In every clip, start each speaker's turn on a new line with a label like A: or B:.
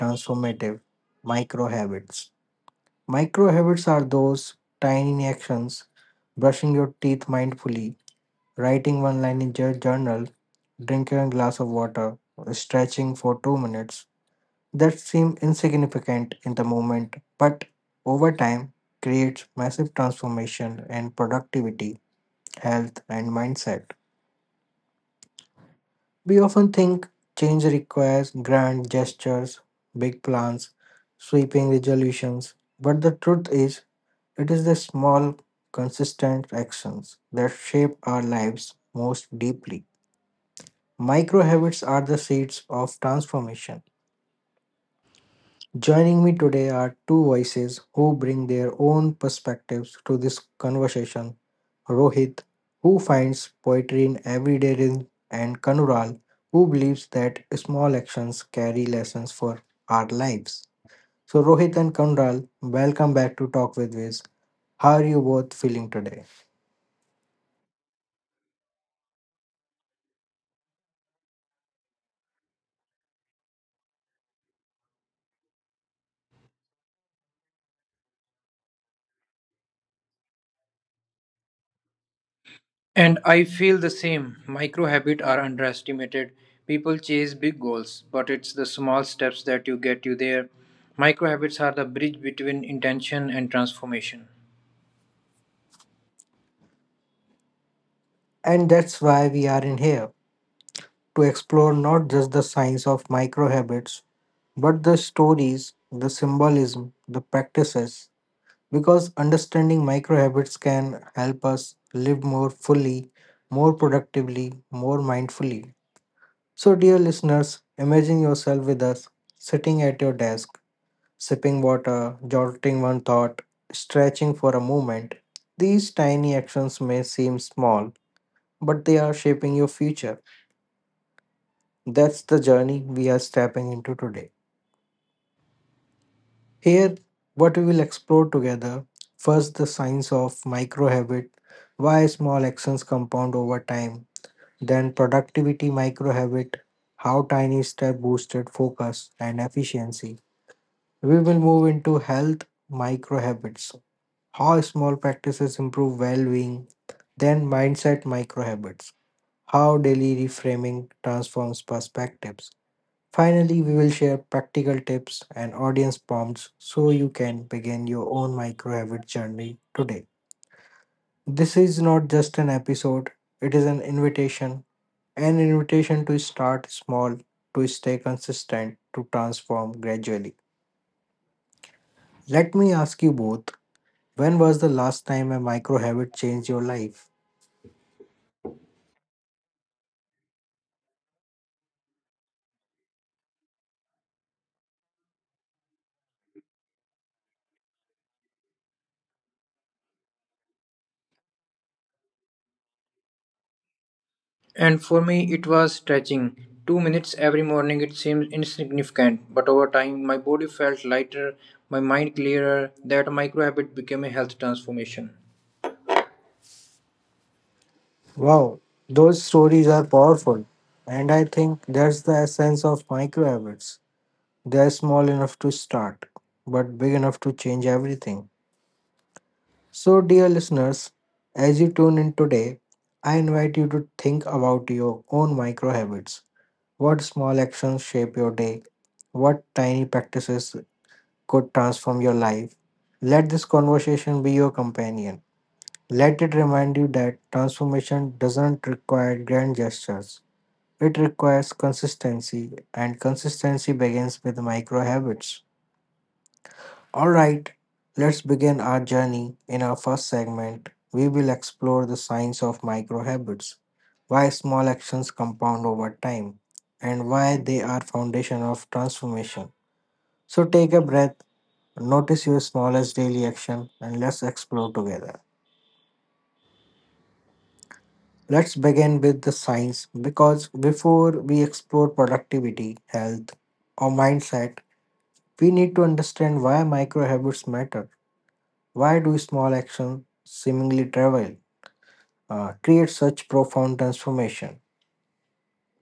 A: transformative: micro habits. Micro habits are those tiny actions, brushing your teeth mindfully, writing one line in your journal, drinking a glass of water, stretching for 2 minutes, that seem insignificant in the moment, but over time creates massive transformation in productivity, health, and mindset. We often think change requires grand gestures, big plans, sweeping resolutions, but the truth is, it is the small, consistent actions that shape our lives most deeply. Micro habits are the seeds of transformation. Joining me today are two voices who bring their own perspectives to this conversation: Rohit, who finds poetry in everyday rhythm, and Kanural, who believes that small actions carry lessons for our lives. So, Rohit and Kanural, welcome back to Talk with Wiz. How are you both feeling today?
B: And I feel the same. Micro habits are underestimated. People chase big goals, but it's the small steps that you get you there. Micro habits are the bridge between intention and transformation.
A: And that's why we are in here, to explore not just the science of micro habits, but the stories, the symbolism, the practices, because understanding micro habits can help us live more fully, more productively, more mindfully. So, dear listeners, imagine yourself with us, sitting at your desk, sipping water, jolting one thought, stretching for a moment. These tiny actions may seem small, but they are shaping your future. That's the journey we are stepping into today. Here, what we will explore together: first, the science of microhabit, why small actions compound over time; then, productivity microhabit, how tiny step boosted focus and efficiency. We will move into health microhabits, how small practices improve well being; then, mindset microhabits, how daily reframing transforms perspectives. Finally, we will share practical tips and audience prompts so you can begin your own micro habit journey today. This is not just an episode, it is an invitation to start small, to stay consistent, to transform gradually. Let me ask you both, when was the last time a micro habit changed your life?
B: And for me, it was stretching. 2 minutes every morning, it seemed insignificant, but over time, my body felt lighter, my mind clearer. That micro habit became a health transformation.
A: Wow, those stories are powerful, and I think that's the essence of micro habits. They are small enough to start, but big enough to change everything. So, dear listeners, as you tune in today, I invite you to think about your own micro habits. What small actions shape your day? What tiny practices could transform your life? Let this conversation be your companion. Let it remind you that transformation doesn't require grand gestures. It requires consistency, and consistency begins with micro habits. All right, let's begin our journey. In our first segment, we will explore the science of micro habits, why small actions compound over time, and why they are foundation of transformation. So take a breath, notice your smallest daily action, and let's explore together. Let's begin with the science, because before we explore productivity, health, or mindset, we need to understand why micro habits matter. Why do small actions, seemingly trivial, create such profound transformation?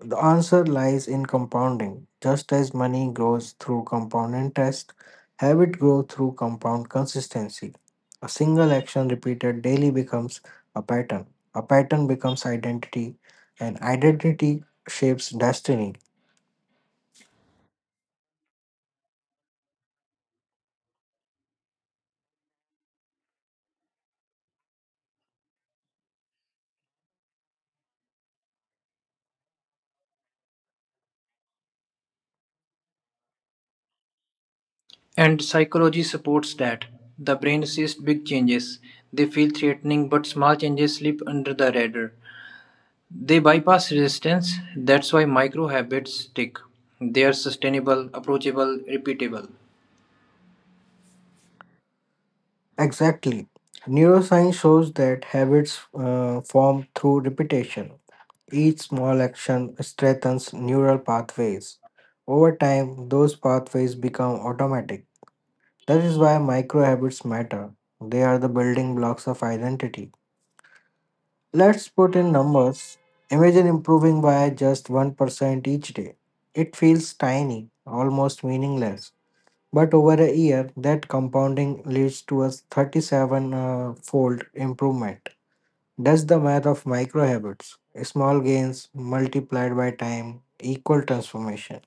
A: The answer lies in compounding. Just as money grows through compound interest, habit grows through compound consistency. A single action repeated daily becomes a pattern. A pattern becomes identity, and identity shapes destiny.
B: And psychology supports that. The brain sees big changes. They feel threatening, but small changes slip under the radar. They bypass resistance, that's why micro habits stick. They are sustainable, approachable, repeatable.
A: Exactly. Neuroscience shows that habits form through repetition. Each small action strengthens neural pathways. Over time, those pathways become automatic. That is why micro habits matter. They are the building blocks of identity. Let's put in numbers. Imagine improving by just 1% each day. It feels tiny, almost meaningless. But over a year, that compounding leads to a 37 fold improvement. That's the math of micro habits. Small gains multiplied by time equal transformation.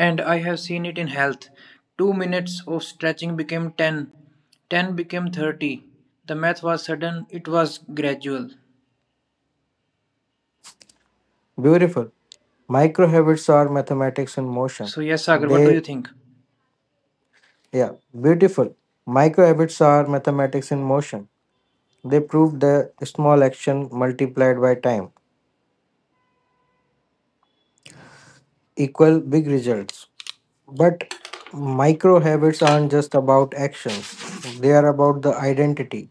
B: And I have seen it in health. 2 minutes of stretching became 10, 10 became 30. The math was sudden, it was gradual.
A: Beautiful. Micro habits are mathematics in motion.
B: So, yes, Sagar, what do
A: They,
B: you think?
A: yeah, beautiful. Micro habits are mathematics in motion. They prove the small action multiplied by time equal big results. But micro habits aren't just about actions, they are about the identity.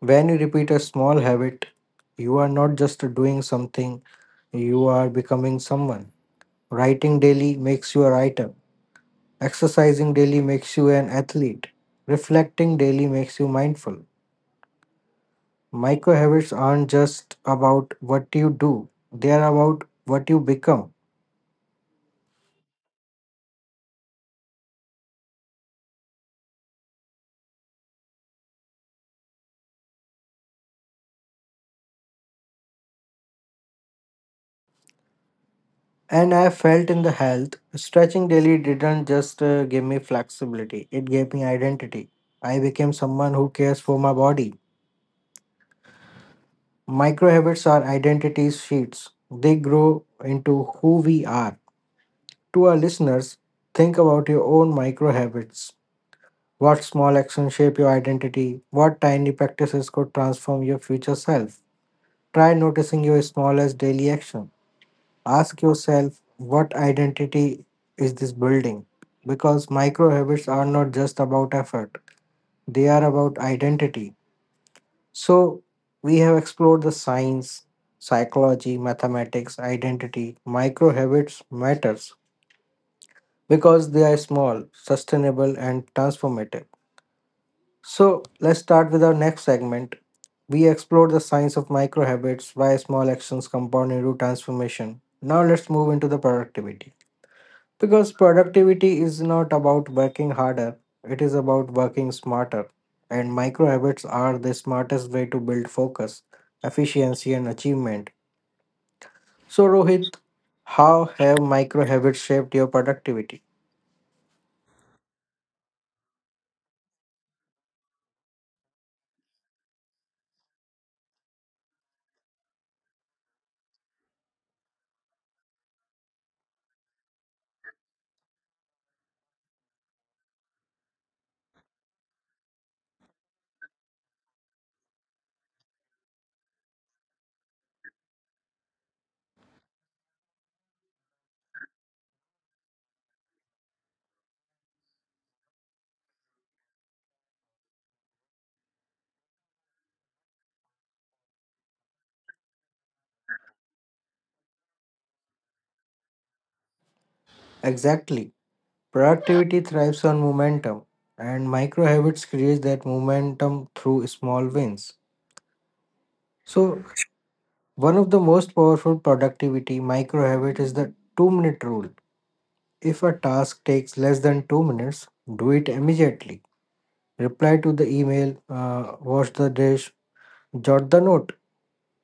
A: When you repeat a small habit, you are not just doing something, you are becoming someone. Writing daily makes you a writer. Exercising daily makes you an athlete. Reflecting daily makes you mindful. Micro habits aren't just about what you do, they are about what you become. And I felt in the health, stretching daily didn't just give me flexibility, it gave me identity. I became someone who cares for my body. Microhabits are identity sheets. They grow into who we are. To our listeners, think about your own microhabits. What small actions shape your identity? What tiny practices could transform your future self? Try noticing your smallest daily action. Ask yourself, what identity is this building? Because microhabits are not just about effort, they are about identity. So, we have explored the science, psychology, mathematics, identity. Micro habits matters because they are small, sustainable, and transformative. So, let's start with our next segment. We explored the science of micro habits, why small actions compound into transformation. Now, let's move into the productivity. Because productivity is not about working harder, it is about working smarter. And micro habits are the smartest way to build focus, efficiency, and achievement. So, Rohit, how have micro habits shaped your productivity? Exactly. Productivity thrives on momentum, and micro habits create that momentum through small wins. So, one of the most powerful productivity micro habit is the 2-minute rule. If a task takes less than 2 minutes, do it immediately. Reply to the email, wash the dish, jot the note.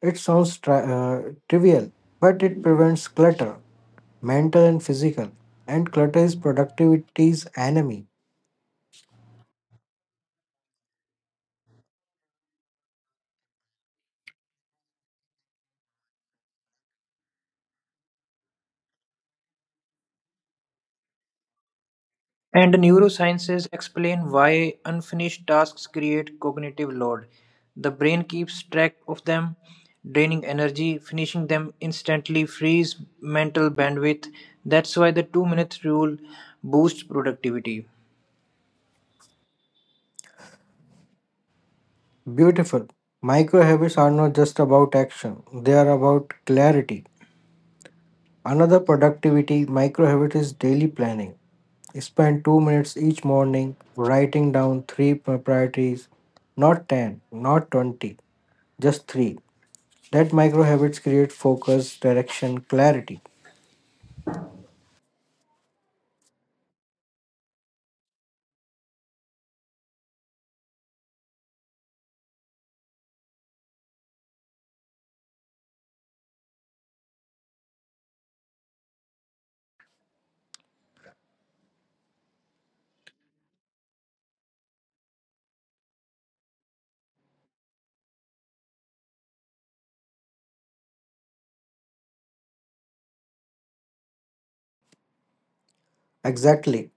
A: It sounds trivial, but it prevents clutter, mental and physical. And clutter is productivity's enemy.
B: And neurosciences explain why unfinished tasks create cognitive load. The brain keeps track of them, draining energy, finishing them instantly frees mental bandwidth. That's why the 2 minute rule boosts productivity.
A: Beautiful. Micro habits are not just about action, they are about clarity. Another productivity micro habit is daily planning. Spend 2 minutes each morning writing down three priorities, not 10, not 20, just three. That micro habits create focus, direction, clarity. Exactly.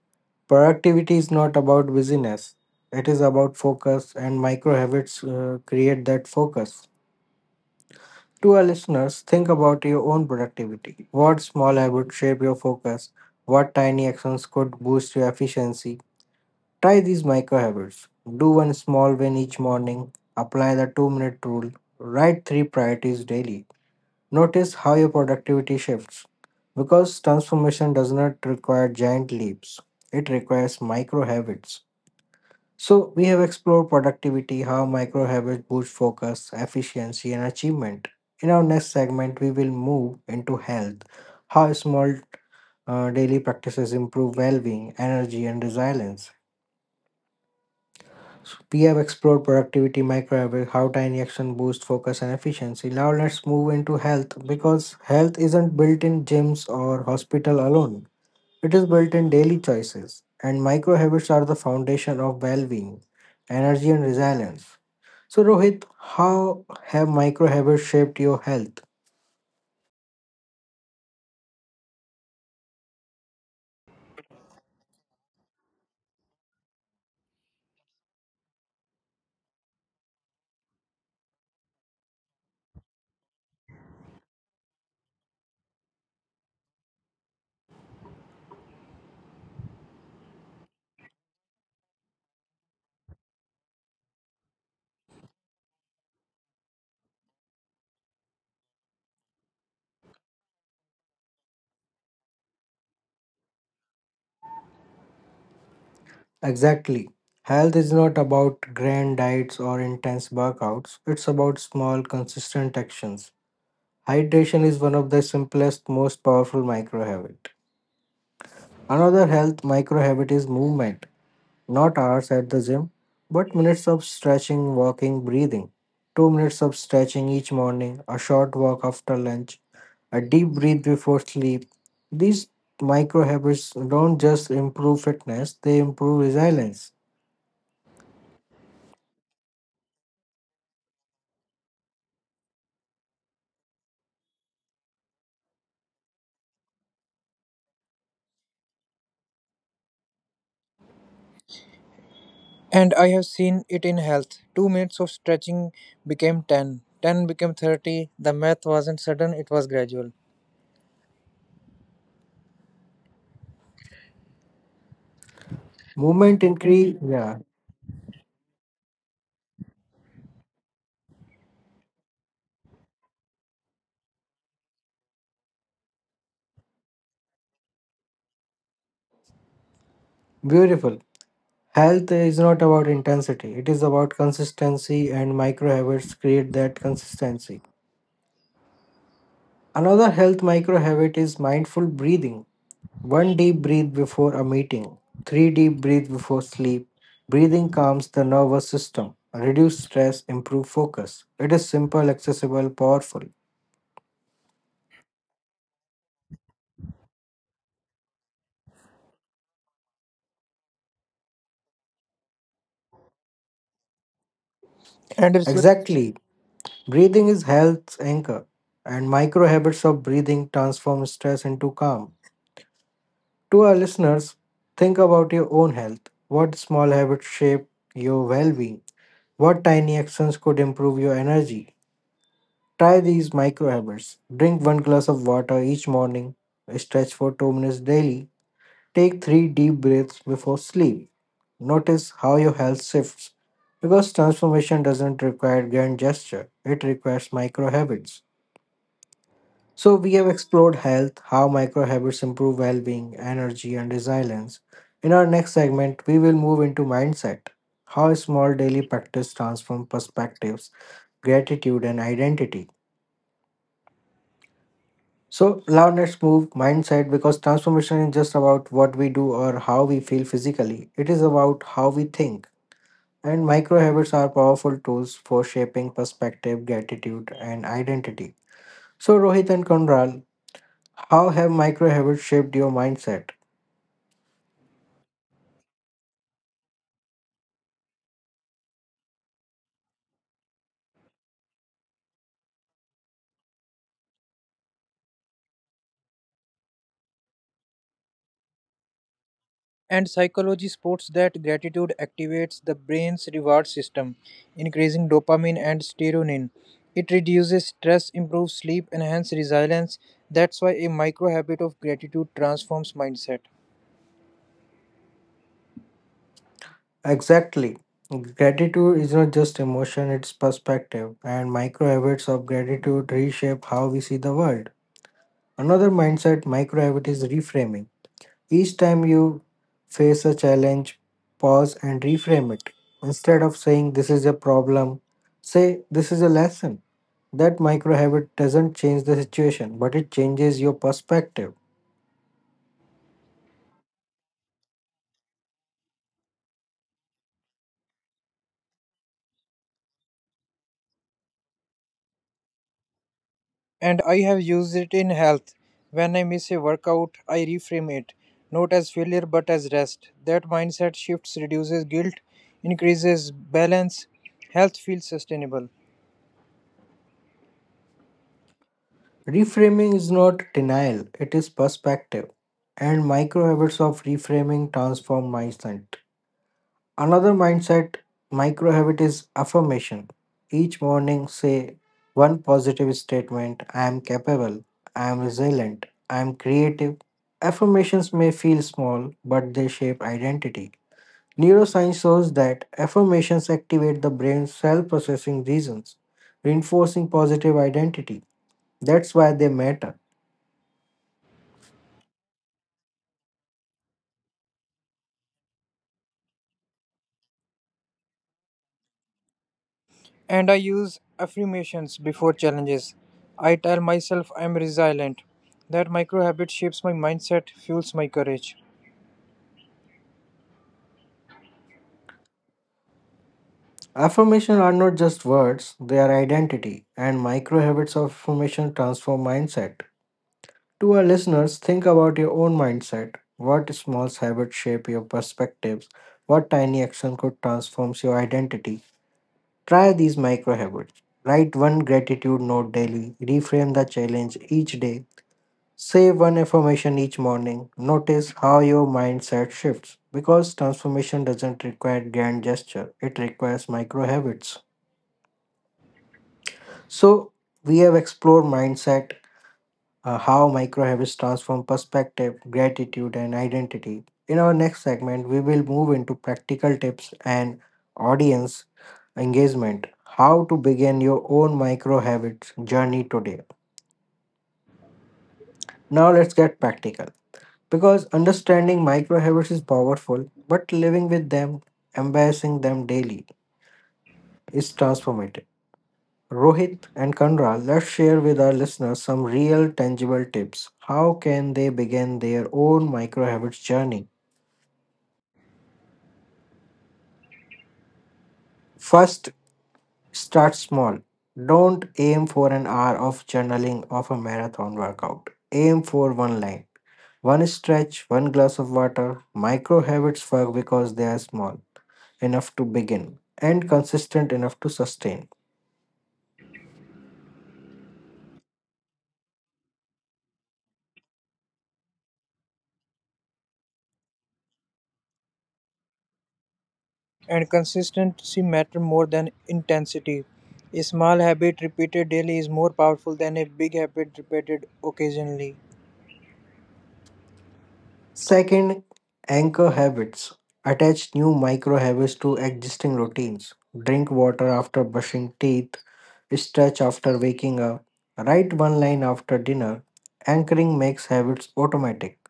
A: Productivity is not about busyness, it is about focus, and micro habits create that focus. To our listeners, think about your own productivity. What small habits shape your focus? What tiny actions could boost your efficiency? Try these micro habits. Do one small win each morning, apply the 2-minute rule, write 3 priorities daily. Notice how your productivity shifts. Because transformation does not require giant leaps, it requires micro habits. So, we have explored productivity, how micro habits boost focus, efficiency, and achievement. In our next segment, we will move into health, how small daily practices improve well being, energy, and resilience. We have explored productivity microhabits, how tiny action boost focus and efficiency. Now let's move into health, because health isn't built in gyms or hospital alone. It is built in daily choices, and microhabits are the foundation of well-being, energy, and resilience. So, Rohit, how have microhabits shaped your health? Exactly. Health is not about grand diets or intense workouts. It's about small, consistent actions. Hydration is one of the simplest, most powerful micro habit. Another health micro habit is movement, not hours at the gym, but minutes of stretching, walking, breathing. 2 minutes of stretching each morning, a short walk after lunch, a deep breath before sleep. These micro habits don't just improve fitness, they improve resilience.
C: And I have seen it in health. 2 minutes of stretching became 10, 10 became 30. The math wasn't sudden, it was gradual.
A: Movement increase, yeah, beautiful. Health is not about intensity, it is about consistency, and micro habits create that consistency. Another health micro habit is mindful breathing. One deep breath before a meeting, three deep breath before sleep. Breathing calms the nervous system, reduce stress, improve focus. It is simple, accessible, powerful.
C: And research
A: Exactly. Breathing is health's anchor, and micro habits of breathing transform stress into calm. To our listeners, think about your own health. What small habits shape your well being? What tiny actions could improve your energy? Try these micro habits. Drink one glass of water each morning, stretch for 2 minutes daily, take 3 deep breaths before sleep. Notice how your health shifts, because transformation doesn't require grand gesture, it requires micro habits. So, we have explored health, how micro habits improve well being, energy, and resilience. In our next segment, we will move into mindset, how small daily practice transform perspectives, gratitude, and identity. So now let's move mindset, because transformation is just about what we do or how we feel physically. It is about how we think. And micro habits are powerful tools for shaping perspective, gratitude, and identity. So, Rohit and Konral, how have micro habits shaped your mindset?
C: and psychology supports that gratitude activates the brain's reward system, increasing dopamine and serotonin. It reduces stress, improves sleep, enhances resilience. That's why a micro habit of gratitude transforms mindset.
A: Exactly. Gratitude is not just emotion, it's perspective, and micro habits of gratitude reshape how we see the world. Another mindset micro habit is reframing. Each time you face a challenge, pause and reframe it. Instead of saying this is a problem, say this is a lesson. That micro habit doesn't change the situation, but it changes your perspective.
C: And I have used it in health. When I miss a workout, I reframe it, not as failure but as rest. That mindset shifts reduces guilt, increases balance, health feels sustainable.
A: Reframing is not denial, it is perspective. And micro habits of reframing transform mindset. Another mindset micro habit is affirmation. Each morning, say one positive statement: I am capable, I am resilient, I am creative. Affirmations may feel small, but they shape identity. Neuroscience shows that affirmations activate the brain's self processing regions, reinforcing positive identity. That's why they matter.
C: And I use affirmations before challenges. I tell myself I'm resilient. That micro habit shapes my mindset, fuels my courage.
A: Affirmations are not just words, they are identity, and micro habits of affirmation transform mindset. To our listeners, think about your own mindset. What small habits shape your perspectives? What tiny action could transform your identity? Try these micro habits. Write one gratitude note daily. Reframe the challenge each day. Say one affirmation each morning. Notice how your mindset shifts because transformation doesn't require grand gesture, it requires micro habits. So, we have explored mindset, how micro habits transform perspective, gratitude, and identity. In our next segment, we will move into practical tips and audience engagement. How to begin your own micro habits journey today. Now, let's get practical because understanding micro habits is powerful, but living with them, embracing them daily, is transformative. Rohit and Kanra, let's share with our listeners some real tangible tips. How can they begin their own micro habits journey? First, start small. Don't aim for an hour of journaling of a marathon workout. Aim for one line, one stretch, one glass of water. Micro habits work because they are small enough to begin and consistent enough to sustain.
C: And consistency matter more than intensity. A small habit repeated daily is more powerful than a big habit repeated occasionally.
A: Second, anchor habits. Attach new micro habits to existing routines. Drink water after brushing teeth, stretch after waking up, write one line after dinner. Anchoring makes habits automatic.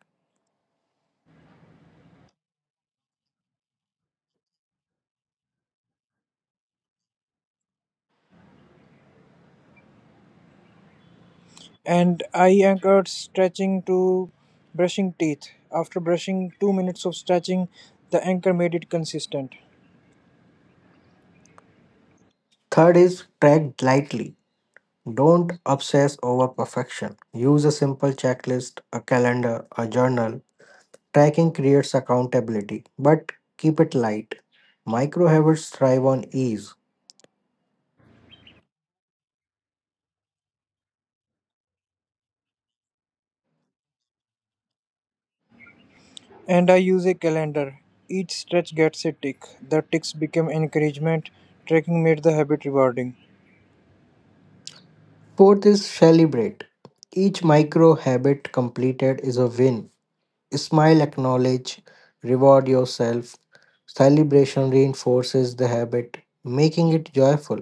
C: And I anchored stretching to brushing teeth. After brushing, 2 minutes of stretching, the anchor made it consistent.
A: Third is track lightly. Don't obsess over perfection. Use a simple checklist, a calendar, a journal. Tracking creates accountability, but keep it light. Micro habits thrive on ease.
C: And I use a calendar. Each stretch gets a tick. The ticks became encouragement. Tracking made the habit rewarding.
A: Fourth is celebrate. Each micro habit completed is a win. Smile, acknowledge, reward yourself. Celebration reinforces the habit, making it joyful.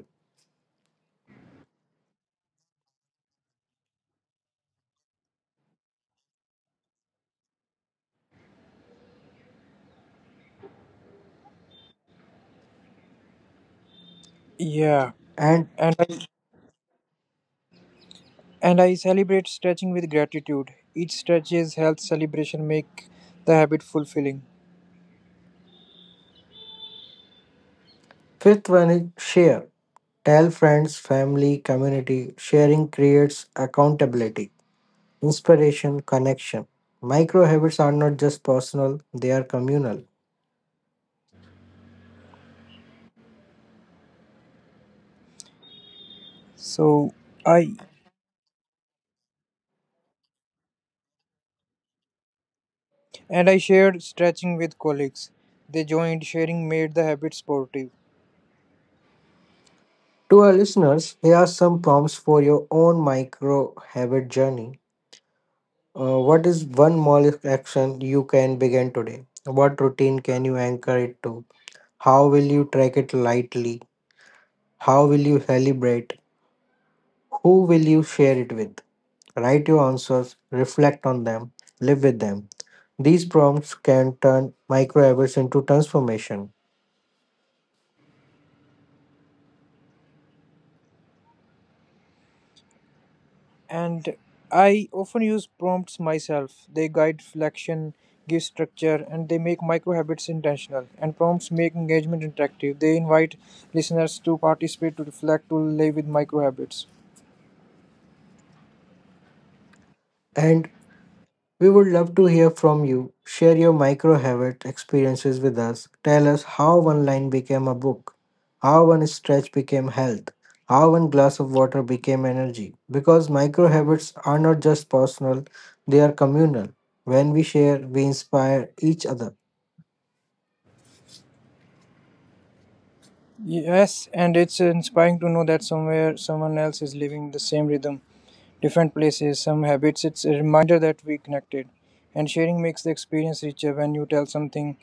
C: Yeah.
A: And
C: And I, and I celebrate stretching with gratitude. Each stretch is health celebration make the habit fulfilling.
A: fifth one is share. Tell friends, family, community. Sharing creates accountability, inspiration, connection. Micro habits are not just personal, they are communal.
C: So I and I shared stretching with colleagues. They joined sharing made the habit sportive.
A: To our listeners, here are some prompts for your own micro habit journey. What is one small action you can begin today? What routine can you anchor it to? How will you track it lightly? How will you celebrate? Who will you share it with? Write your answers, reflect on them, live with them. These prompts can turn micro habits into transformation.
C: And I often use prompts myself. They guide reflection, give structure, and they make micro habits intentional. And prompts make engagement interactive. They invite listeners to participate, to reflect, to live with micro habits.
A: And we would love to hear from you. Share your micro habit experiences with us. Tell us how one line became a book, how one stretch became health, how one glass of water became energy. Because micro habits are not just personal, they are communal. When we share, we inspire each other.
C: Yes, and it's inspiring to know that somewhere someone else is living the same rhythm, different places, some habits. It's a reminder that we connected. And sharing makes the experience richer. When you tell something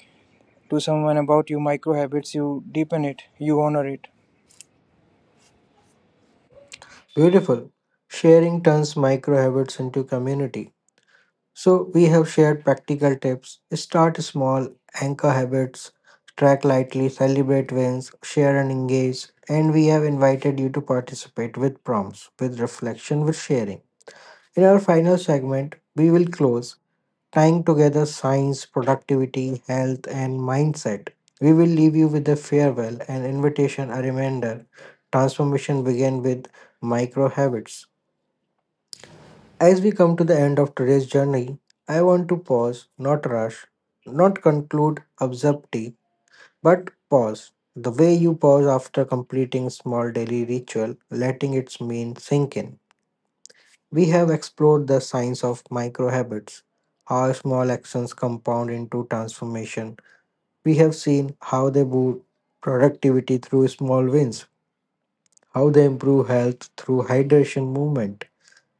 C: to someone about your micro habits, you deepen it, you honor it.
A: Beautiful. Sharing turns micro habits into community. So, we have shared practical tips start small, anchor habits, track lightly, celebrate wins, share and engage. And we have invited you to participate with prompts, with reflection, with sharing. In our final segment, we will close tying together science, productivity, health, and mindset. We will leave you with a farewell, an invitation, a reminder. Transformation begins with micro habits. As we come to the end of today's journey, I want to pause, not rush, not conclude abruptly, but pause. The way you pause after completing small daily ritual, letting its mean sink in. We have explored the science of micro habits, how small actions compound into transformation. We have seen how they boost productivity through small wins, how they improve health through hydration movement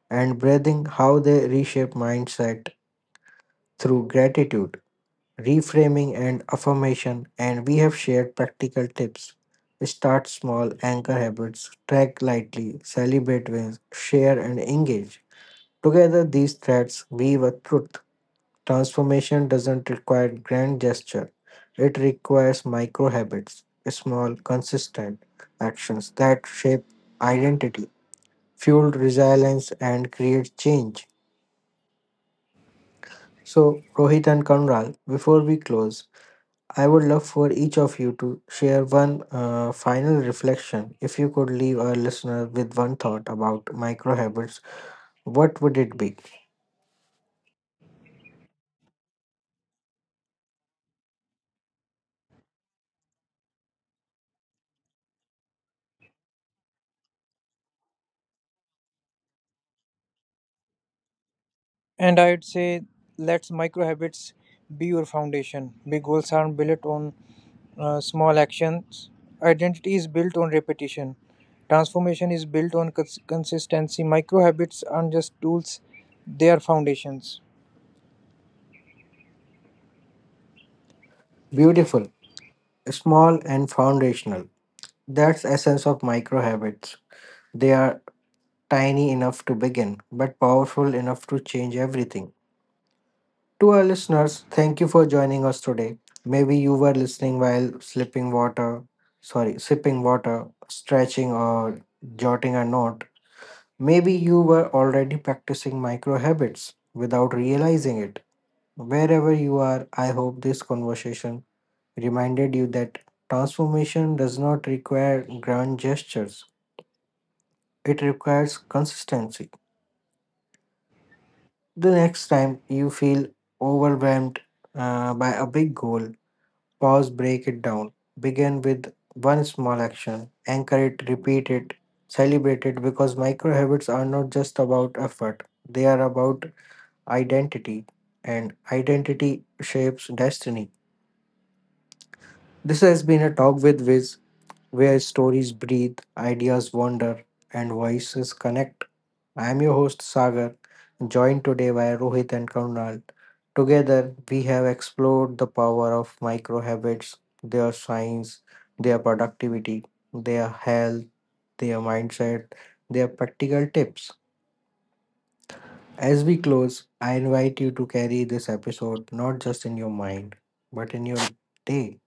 A: and breathing, how they reshape mindset through gratitude, reframing, and affirmation. And we have shared practical tips. Start small, anchor habits, track lightly, celebrate wins, share, and engage. Together, these threads weave a truth. Transformation doesn't require grand gesture, it requires micro habits, small, consistent actions that shape identity, fuel resilience, and create change. So, Rohit and Kanral, before we close, I would love for each of you to share one final reflection. If you could leave our listener with one thought about micro habits, what would it be?
C: And I'd say let micro habits be your foundation. Big goals aren't built on small actions. Identity is built on repetition. Transformation is built on consistency. Micro habits aren't just tools, they are foundations.
A: Beautiful, small, and foundational. That's essence of micro habits. They are tiny enough to begin, but powerful enough to change everything. To our listeners, thank you for joining us today. Maybe you were listening while slipping water, sorry, sipping water, stretching, or jotting a note. Maybe you were already practicing micro habits without realizing it. Wherever you are, I hope this conversation reminded you that transformation does not require grand gestures, it requires consistency. The next time you feel overwhelmed by a big goal, pause, break it down. Begin with one small action, anchor it, repeat it, celebrate it because micro habits are not just about effort, they are about identity, and identity shapes destiny. This has been a talk with Wiz, where stories breathe, ideas wander, and voices connect. I am your host Sagar, joined today by Rohit and Karunal. Together, we have explored the power of micro habits, their science, their productivity, their health, their mindset, their practical tips. As we close, I invite you to carry this episode not just in your mind, but in your day.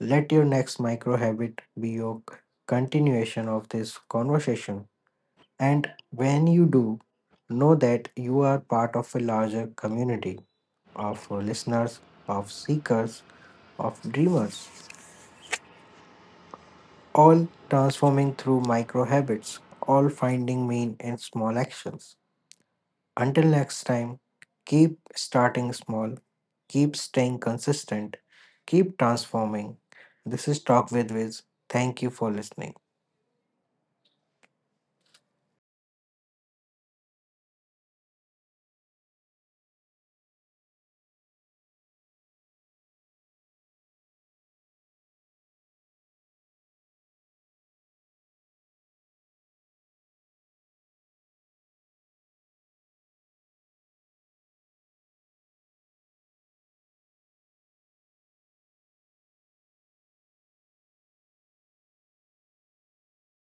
A: Let your next micro habit be your continuation of this conversation. And when you do, know that you are part of a larger community of listeners, of seekers, of dreamers, all transforming through micro habits, all finding meaning in small actions. Until next time, keep starting small. Keep staying consistent. Keep transforming. This is Talk with Viz. Thank you for listening.